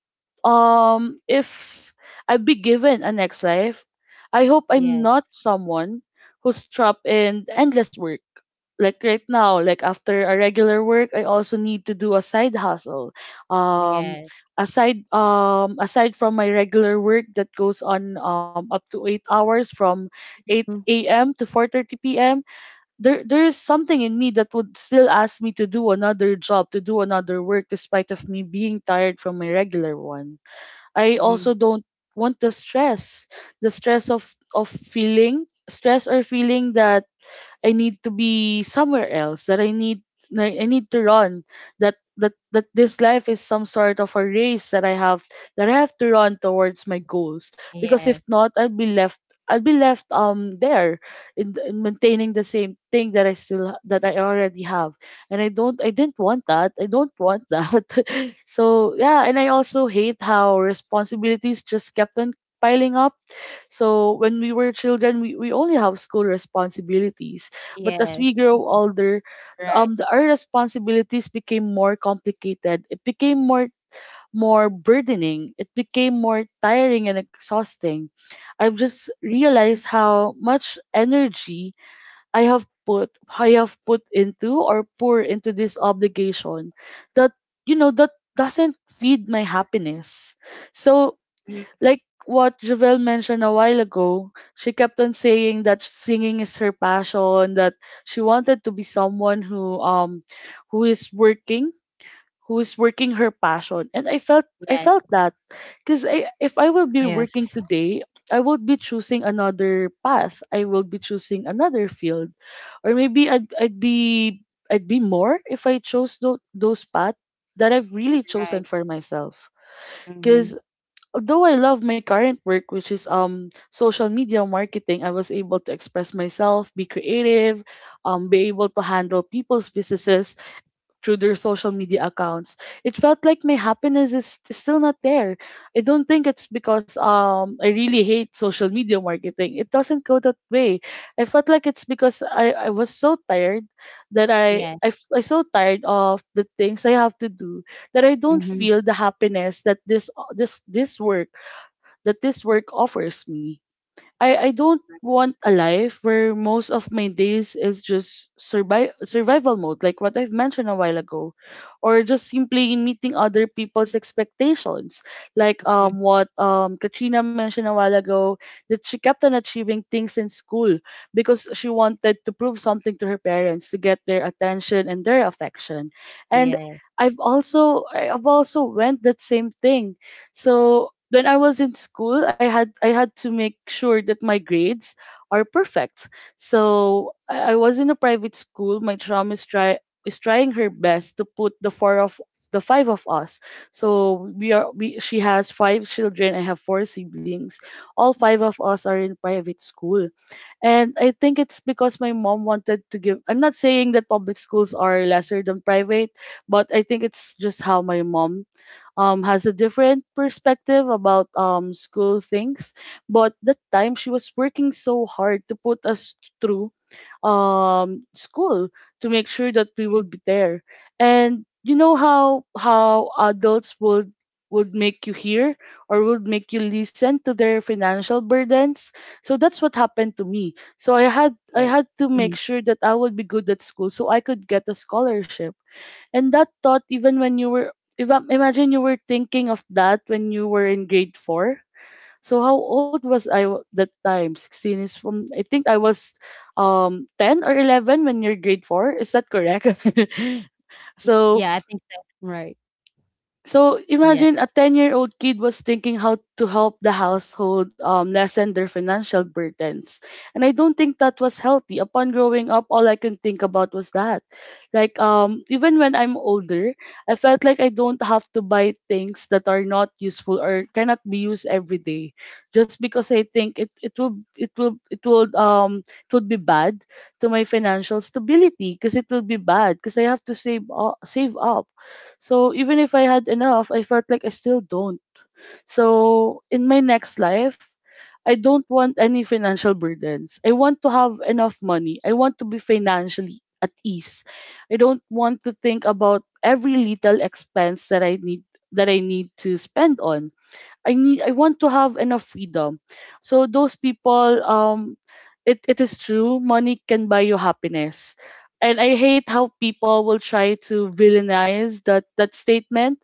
A: if I be given a next life, I hope I'm
C: Yes.
A: not someone who's trapped in endless work, like right now, like after a regular work I also need to do a side hustle, um
C: Yes.
A: aside from my regular work that goes on up to 8 hours from 8 a.m. to 4:30 p.m. There there is something in me that would still ask me to do another job, to do another work, despite of me being tired from my regular one. I also
C: Mm-hmm.
A: don't want the stress of feeling stress, or feeling that I need to be somewhere else, that I need I need to run, that this life is some sort of a race that I have, that I have to run towards my goals. Because if
C: Yes.
A: not, I'll be left there in maintaining the same thing that I still that I already have. And I didn't want that. I don't want that. So yeah, and I also hate how responsibilities just kept on piling up. So when we were children, we only have school responsibilities. But as we
C: Yes.
A: grow older,
C: Right.
A: our responsibilities became more complicated. It became more more burdening. It became more tiring and exhausting. I've just realized how much energy I have put into, or pour into, this obligation that, you know, that doesn't feed my happiness. So
C: Mm-hmm.
A: like what Javel mentioned a while ago, she kept on saying that singing is her passion, that she wanted to be someone who is working, who is working her passion. And I
C: Yes.
A: felt that because I if I will be working
B: Yes.
A: today, I would be choosing another path. I will be choosing another field, or maybe I'd be more if I chose those paths that I've really chosen
C: Right.
A: for myself. Because
C: Mm-hmm.
A: although I love my current work, which is social media marketing, I was able to express myself, be creative, be able to handle people's businesses through their social media accounts. It felt like my happiness is still not there. I don't think it's because I really hate social media marketing. It doesn't go that way. I felt like it's because I was so tired that
C: Yes.
A: I so tired of the things I have to do that I don't
C: Mm-hmm.
A: feel the happiness that this work, that this work offers me. I don't want a life where most of my days is just survival mode, like what I've mentioned a while ago, or just simply meeting other people's expectations, like
C: Mm-hmm.
A: what Katrina mentioned a while ago, that she kept on achieving things in school because she wanted to prove something to her parents to get their attention and their affection, and
C: Yes.
A: I've also went that same thing. So when I was in school, I had to make sure that my grades are perfect. So I was in a private school. My chum is trying her best to put the four of the five of us. So we are we she has five children. I have four siblings. All five of us are in private school. And I think it's because my mom wanted to give. I'm not saying that public schools are lesser than private, but I think it's just how my mom has a different perspective about school things. But that time she was working so hard to put us through school to make sure that we would be there. And you know how adults would make you hear or would make you listen to their financial burdens. So that's what happened to me. So I
C: Yes.
A: had to make
C: Mm-hmm.
A: sure that I would be good at school so I could get a scholarship, and that thought, even when you were, if I imagine you were thinking of that when you were in grade four. So how old was that time? 16 is from. I think I was, 10 or 11 when you're grade four. Is that correct? so
C: Yeah, I think so. Right.
A: so
C: Yes.
A: imagine a 10-year-old kid was thinking how to help the household lessen their financial burdens. And I don't think that was healthy. Upon growing up, all I can think about was that. Like even when I'm older, I felt like I don't have to buy things that are not useful or cannot be used every day just because I think it it will it will it will it would be bad to my financial stability because it will be bad because I have to save up, so even if I had enough, I felt like I still don't. So in my next life, I don't want any financial burdens. I want to have enough money. I want to be financially at ease. I don't want to think about every little expense that I need to spend on. I want to have enough freedom. So those people, it is true, money can buy you happiness. And I hate how people will try to villainize that statement.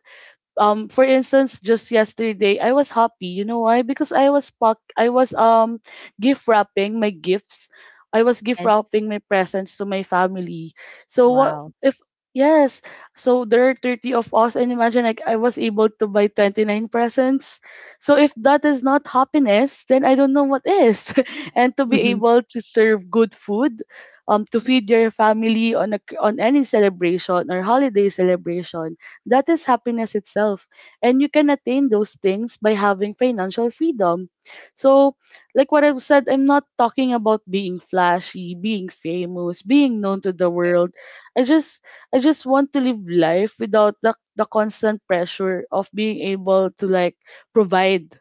A: For instance, just yesterday I was happy, you know why? Because I was gift wrapping my gifts. I was gift
C: Yes.
A: wrapping my presents to my family. So what
C: Wow.
A: if? Yes, so there are 30 of us, and imagine, like, I was able to buy 29 presents. So if that is not happiness, then I don't know what is. And to be
C: Mhm.
A: able to serve good food to feed your family on a on any celebration or holiday celebration, that is happiness itself. And you can attain those things by having financial freedom. So, like what I've said, I'm not talking about being flashy, being famous, being known to the world. I just I just want to live life without the constant pressure of being able to, like, provide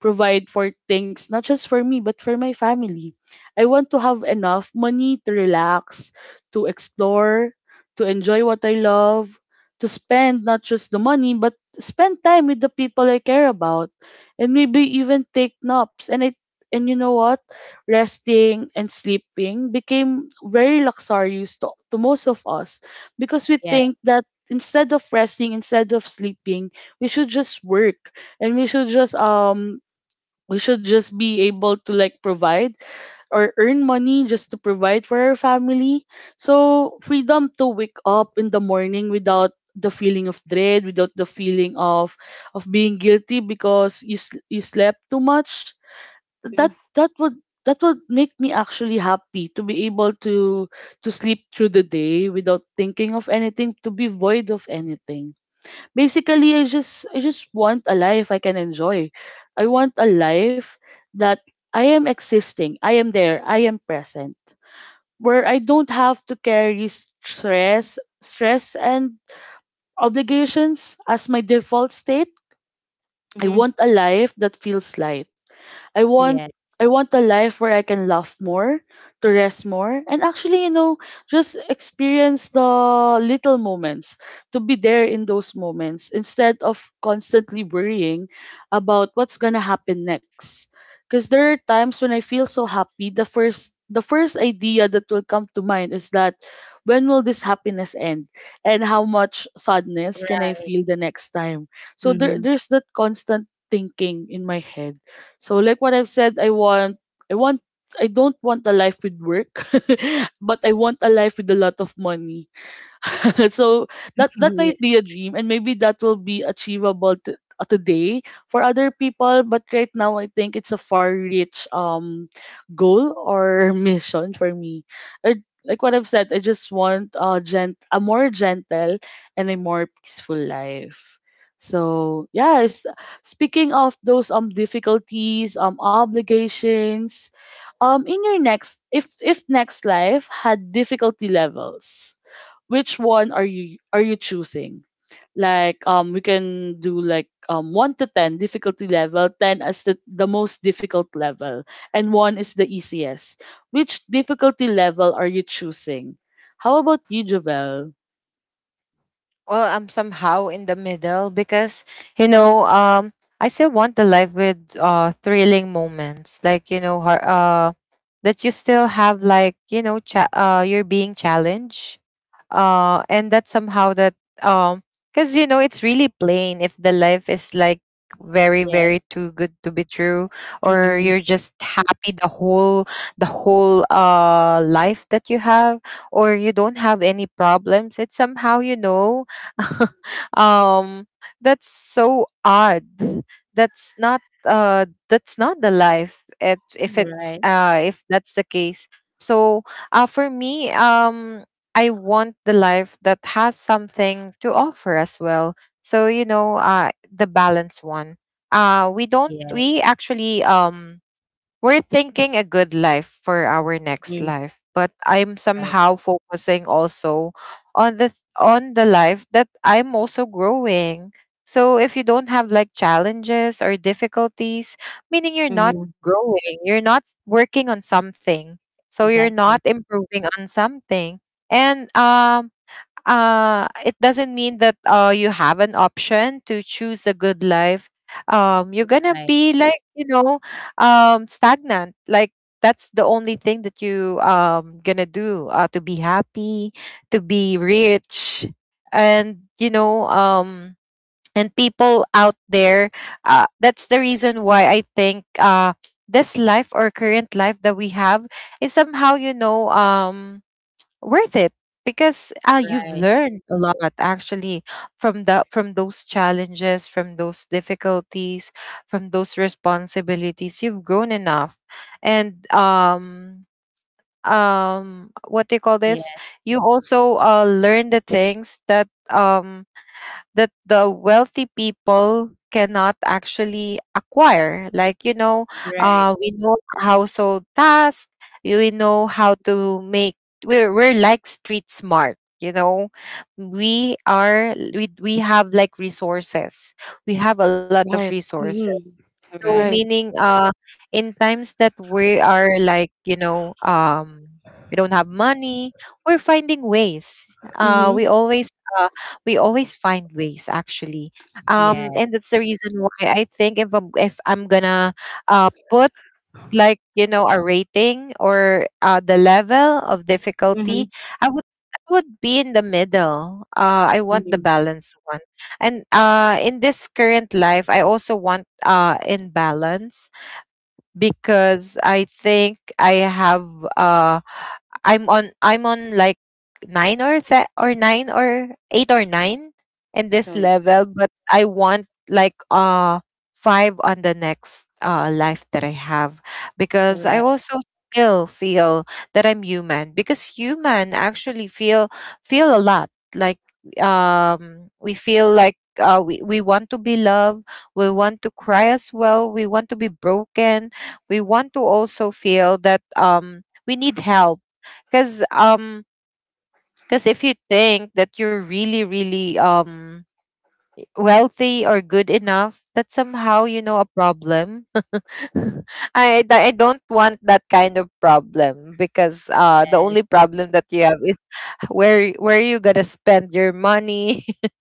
A: provide for things, not just for me, but for my family. I want to have enough money to relax, to explore, to enjoy what I love, to spend not just the money, but spend time with the people I care about, and maybe even take naps. And I, and you know what? Resting and sleeping became very luxurious to most of us because we think that instead of resting, instead of sleeping, we should just work, and we should just be able to, like, provide or earn money just to provide for our family. So freedom to wake up in the morning without the feeling of dread, without the feeling of being guilty because you slept too much. That
C: Yes.
A: that would make me actually happy to be able to sleep through the day without thinking of anything, to be void of anything. Basically, I just want a life I can enjoy. I want a life that I am existing. I am there. I am present. Where I don't have to carry stress and obligations as my default state. I
C: Mhm.
A: want a life that feels light. I want
C: Yes.
A: I want a life where I can laugh more, to rest more, and actually, you know, just experience the little moments, to be there in those moments instead of constantly worrying about what's gonna happen next. Because there are times when I feel so happy, the first idea that will come to mind is that, when will this happiness end and how much sadness can I
C: Right.
A: feel the next time? So
C: Mhm.
A: there's that constant thinking in my head. So like what I've said, I want I don't want a life with work, but I want a life with a lot of money. So that that might be
C: Yes.
A: a dream, and maybe that will be achievable today for other people, but right now I think it's a far reach goal or mission for me. Like what I've said, I just want a more gentle and a more peaceful life. So yes, speaking of those difficulties, obligations, in your next, if next life had difficulty levels, which one are you choosing? Like we can do like 1 to 10 difficulty level, 10 as the most difficult level, and 1 is the easiest. Which difficulty level are you choosing? How about you, Jovel?
B: Well, I'm somehow in the middle because you know, I still want the life with thrilling moments, like you know, that you still have like you know, you're being challenged. And that somehow that um because you know it's really plain if the life is like very
C: Yes.
B: very too good to be true, or
C: Mhm.
B: you're just happy the whole life that you have, or you don't have any problems. It's somehow, you know. um that's so odd. That's not the life. It, if it's
C: Right.
B: If that's the case, so for me, I want the life that has something to offer as well. So you know, the balance one. We don't.
C: Yes.
B: We actually we're thinking a good life for our next
C: Mhm.
B: life, but I'm
C: Right.
B: somehow focusing also on the life that I'm also growing. So if you don't have like challenges or difficulties, meaning you're not
C: Mhm.
B: growing, you're not working on something. So you're
C: Exactly.
B: not improving on something. And It doesn't mean that you have an option to choose a good life. You're gonna
C: Right.
B: be like you know stagnant. Like that's the only thing that you gonna do, to be happy, to be rich, and you know and people out there. That's the reason why I think this life or current life that we have is somehow you know worth it, because you've
C: Right.
B: learned a lot actually from those challenges, from those difficulties, from those responsibilities. You've grown enough and what do you call
C: Yeah.
B: this, you also learn the things that the wealthy people cannot actually acquire. Like, you know,
C: Right.
B: we know household tasks, we know how to make, we're like street smart. You know, we have like resources. We have a lot of
A: Right.
B: resources.
A: Mm-hmm.
B: So
C: Right.
A: Right.
B: meaning in times that we are like, you know, we don't have money, we're finding ways.
A: Mm-hmm.
B: Uh we always find ways actually.
C: Yes.
B: And that's the reason why I think if I'm gonna put like you know a rating or the level of
C: Mhm.
B: difficulty, i would I would be in the middle. I want the
C: Mhm.
B: balanced one. And in this current life I also want, in balance, because I think uh I'm on like nine or eight or nine in this
A: Right.
B: level, but I want like five on the next life that I have, because I
C: Right.
B: also still feel that I'm human, because human actually feel a lot. Like we feel like, we want to be loved, we want to cry as well, we want to be broken, we want to also feel that we need help, because if you think that you're really really wealthy or good enough, that's somehow you know a problem. I don't want that kind of problem because the
C: Yes.
B: only problem that you have is where you gonna spend your money.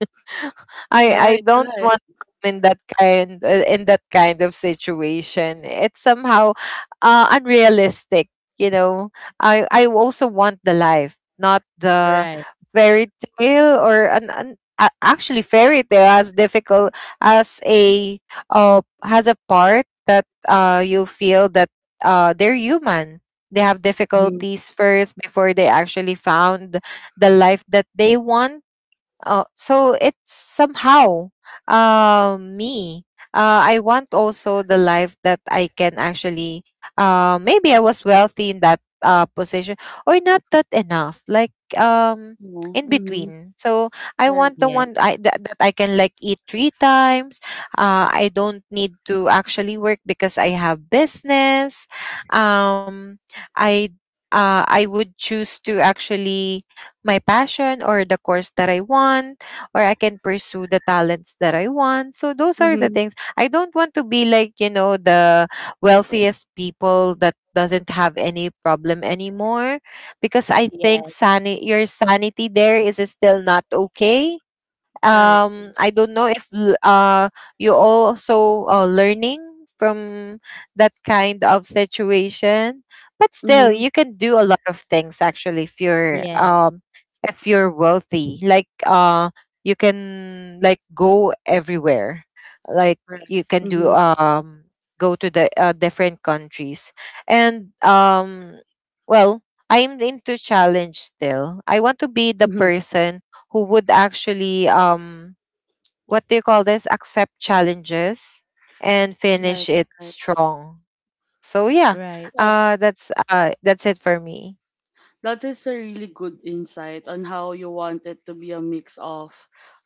B: I
A: Right.
B: don't
A: Right.
B: want to come in that kind of situation. It's somehow unrealistic, you know. I also want the life, not the
C: Right.
B: fairy tale or actually fairy tale as difficult as a has a part that you feel that they're human. They have
C: Mhm.
B: difficulties first before they actually found the life that they want. Oh, so it's somehow me. I want also the life that I can actually. Maybe I was wealthy in that position, or not that enough. Like in
A: Mm-hmm.
B: between. So I
A: Right.
B: want the
C: Yes.
A: Right.
B: that I can like eat three times. I don't need to actually work because I have business. Um, I I would choose to actually my passion or the course that I want, or I can pursue the talents that I want. So those are the
A: Mm-hmm.
B: things. I don't want to be like, you know, the wealthiest people that doesn't have any problem anymore because I think
C: Yes.
B: your sanity there is still not okay.
A: Right.
B: I don't know if l- you also learning from that kind of situation, but still
A: Mm-hmm.
B: you can do a lot of things actually
C: Yeah.
B: if you're wealthy. Like you can like go everywhere, like
A: Right.
B: you can do
A: Mm-hmm.
B: go to the different countries, and well, I'm into challenge still. I want to be the
A: Mm-hmm.
B: person who would actually what do you call this, accept challenges and finish
A: Right.
B: it
A: Right.
B: strong. So yeah,
C: Right.
A: Yes.
B: that's it for me.
A: That is a really good insight on how you want it to be a mix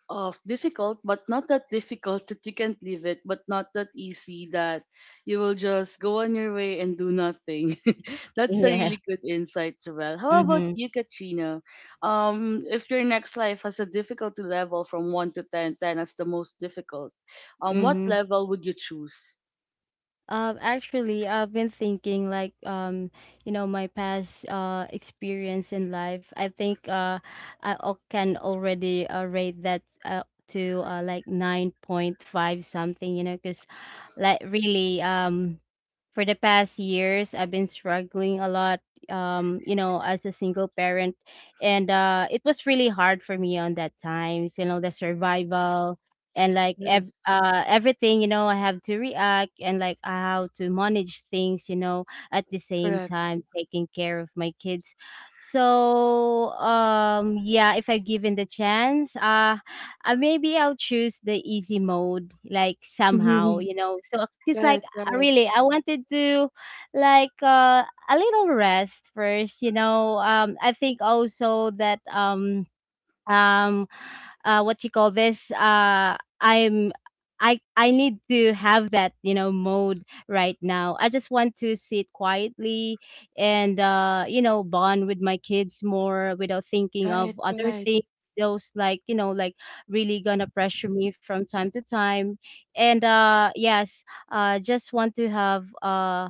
A: of difficult but not that difficult that you can't leave it, but not that easy that you will just go on your way and do nothing. That's a
C: Yeah.
A: really good insight, Javel. How about
C: Mhm.
A: you, Katrina? If your next life has a difficulty level from one to 10, 10 as the most difficult, what
C: Mhm.
A: level would you choose?
C: Actually, I've been thinking, like, you know, my past experience in life. I think I can already rate that, to like, 9.5 something, you know, because, like, really, for the past years I've been struggling a lot, you know, as a single parent. And it was really hard for me on that times, you know, the survival, and like,
A: Yes,
C: everything, you know, I have to react and, like, how to manage things, you know, at the same
A: correct.
C: time taking care of my kids. So yeah, if I'm given the chance, maybe I'll choose the easy mode, like, somehow,
A: Right,
C: you know, so just like.
A: right,
C: I really, I wanted to, like, a little rest first, you know. I think also that um what you call this, I need to have that, you know, mode right now. I just want to sit quietly and, you know, bond with my kids more without thinking of
A: right,
C: other
A: right.
C: things. Those, like, you know, like really gonna pressure me from time to time. And yes, just want to have,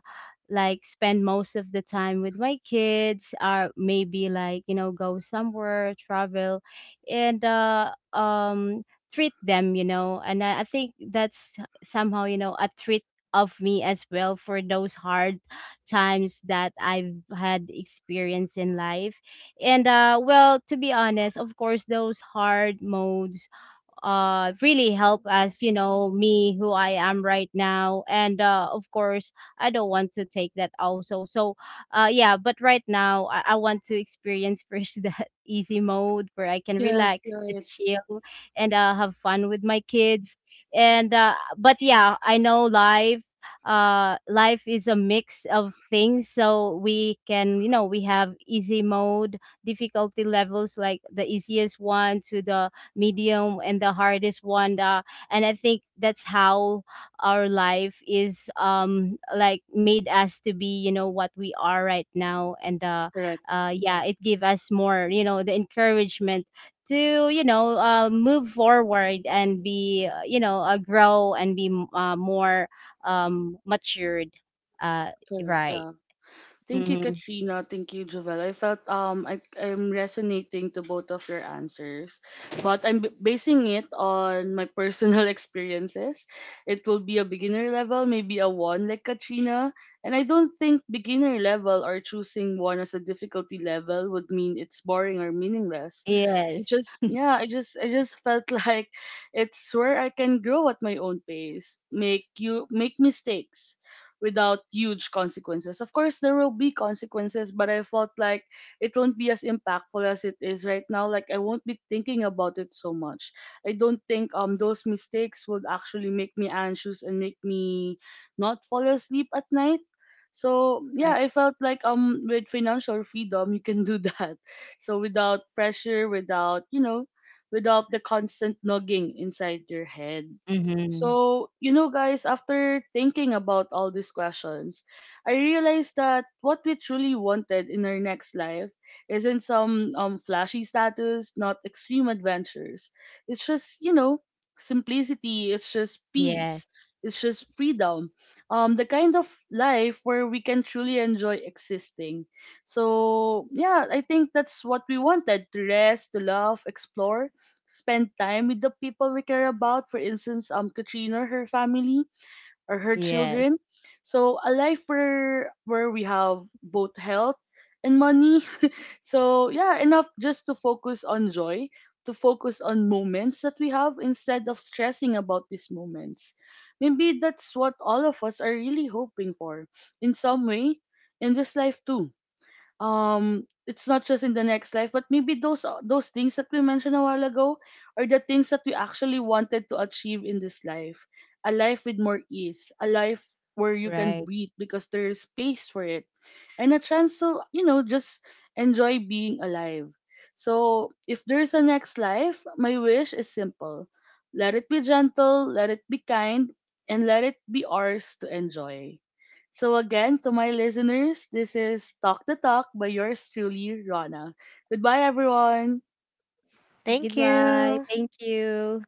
C: like, spend most of the time with my kids, or maybe, like, you know, go somewhere, travel, and, treat them, you know. And I think that's somehow, you know, a treat of me as well for those hard times that I've had experience in life. And, well, to be honest, of course, those hard modes really help us, you know, me who I am right now. And of course, I don't want to take that also. So yeah, but right now I want to experience first, that easy mode where I can
A: Yes,
C: relax,
A: right,
C: just chill, and have fun with my kids. And but yeah, I know life, life is a mix of things. So we can, you know, we have easy mode, difficulty levels, like the easiest one to the medium and the hardest one. And I think that's how our life is, like made us to be, you know, what we are right now. And
A: correct.
C: yeah, it gave us more, you know, the encouragement to, you know, move forward, and be, you know, grow, and be more, matured, uh
A: Correct.
C: right.
A: Yeah. Thank you,
C: Mm-hmm.
A: Katrina. Thank you, Jovel. I felt I'm resonating to both of your answers, but basing it on my personal experiences. It will be a beginner level, maybe a one like Katrina, and I don't think beginner level or choosing one as a difficulty level would mean it's boring or meaningless. It
C: Yes.
A: just, yeah, I just felt like it's where I can grow at my own pace, make you make mistakes without huge consequences. Of course, there will be consequences, but I felt like it won't be as impactful as it is right now. Like, I won't be thinking about it so much. I don't think those mistakes would actually make me anxious and make me not fall asleep at night. So yeah,
C: Right.
A: I felt like with financial freedom you can do that. So without pressure, without, you know, without the constant nagging inside your head.
C: Mm-hmm.
A: So, you know, guys, after thinking about all these questions, I realized that what we truly wanted in our next life isn't some flashy status, not extreme adventures. It's just, you know, simplicity, it's just peace,
C: Yes.
A: it's just freedom. The kind of life where we can truly enjoy existing. So, yeah, I think that's what we wanted, to rest, to love, explore, spend time with the people we care about. For instance, Katrina, her family, or her
C: Yes.
A: children. So a life where we have both health and money. So yeah, enough just to focus on joy, to focus on moments that we have instead of stressing about these moments. Maybe that's what all of us are really hoping for, in some way, in this life too. Um, it's not just in the next life, but maybe those things that we mentioned a while ago are the things that we actually wanted to achieve in this life. A life with more ease, a life where you can
C: Right.
A: breathe because there is space for it, and a chance to, you know, just enjoy being alive. So, if there's a next life, my wish is simple: let it be gentle, let it be kind, and let it be ours to enjoy. So, again, to my listeners, this is Talk the Talk by yours truly, Rana. Goodbye, everyone.
B: Thank you.
C: Goodbye. Thank you.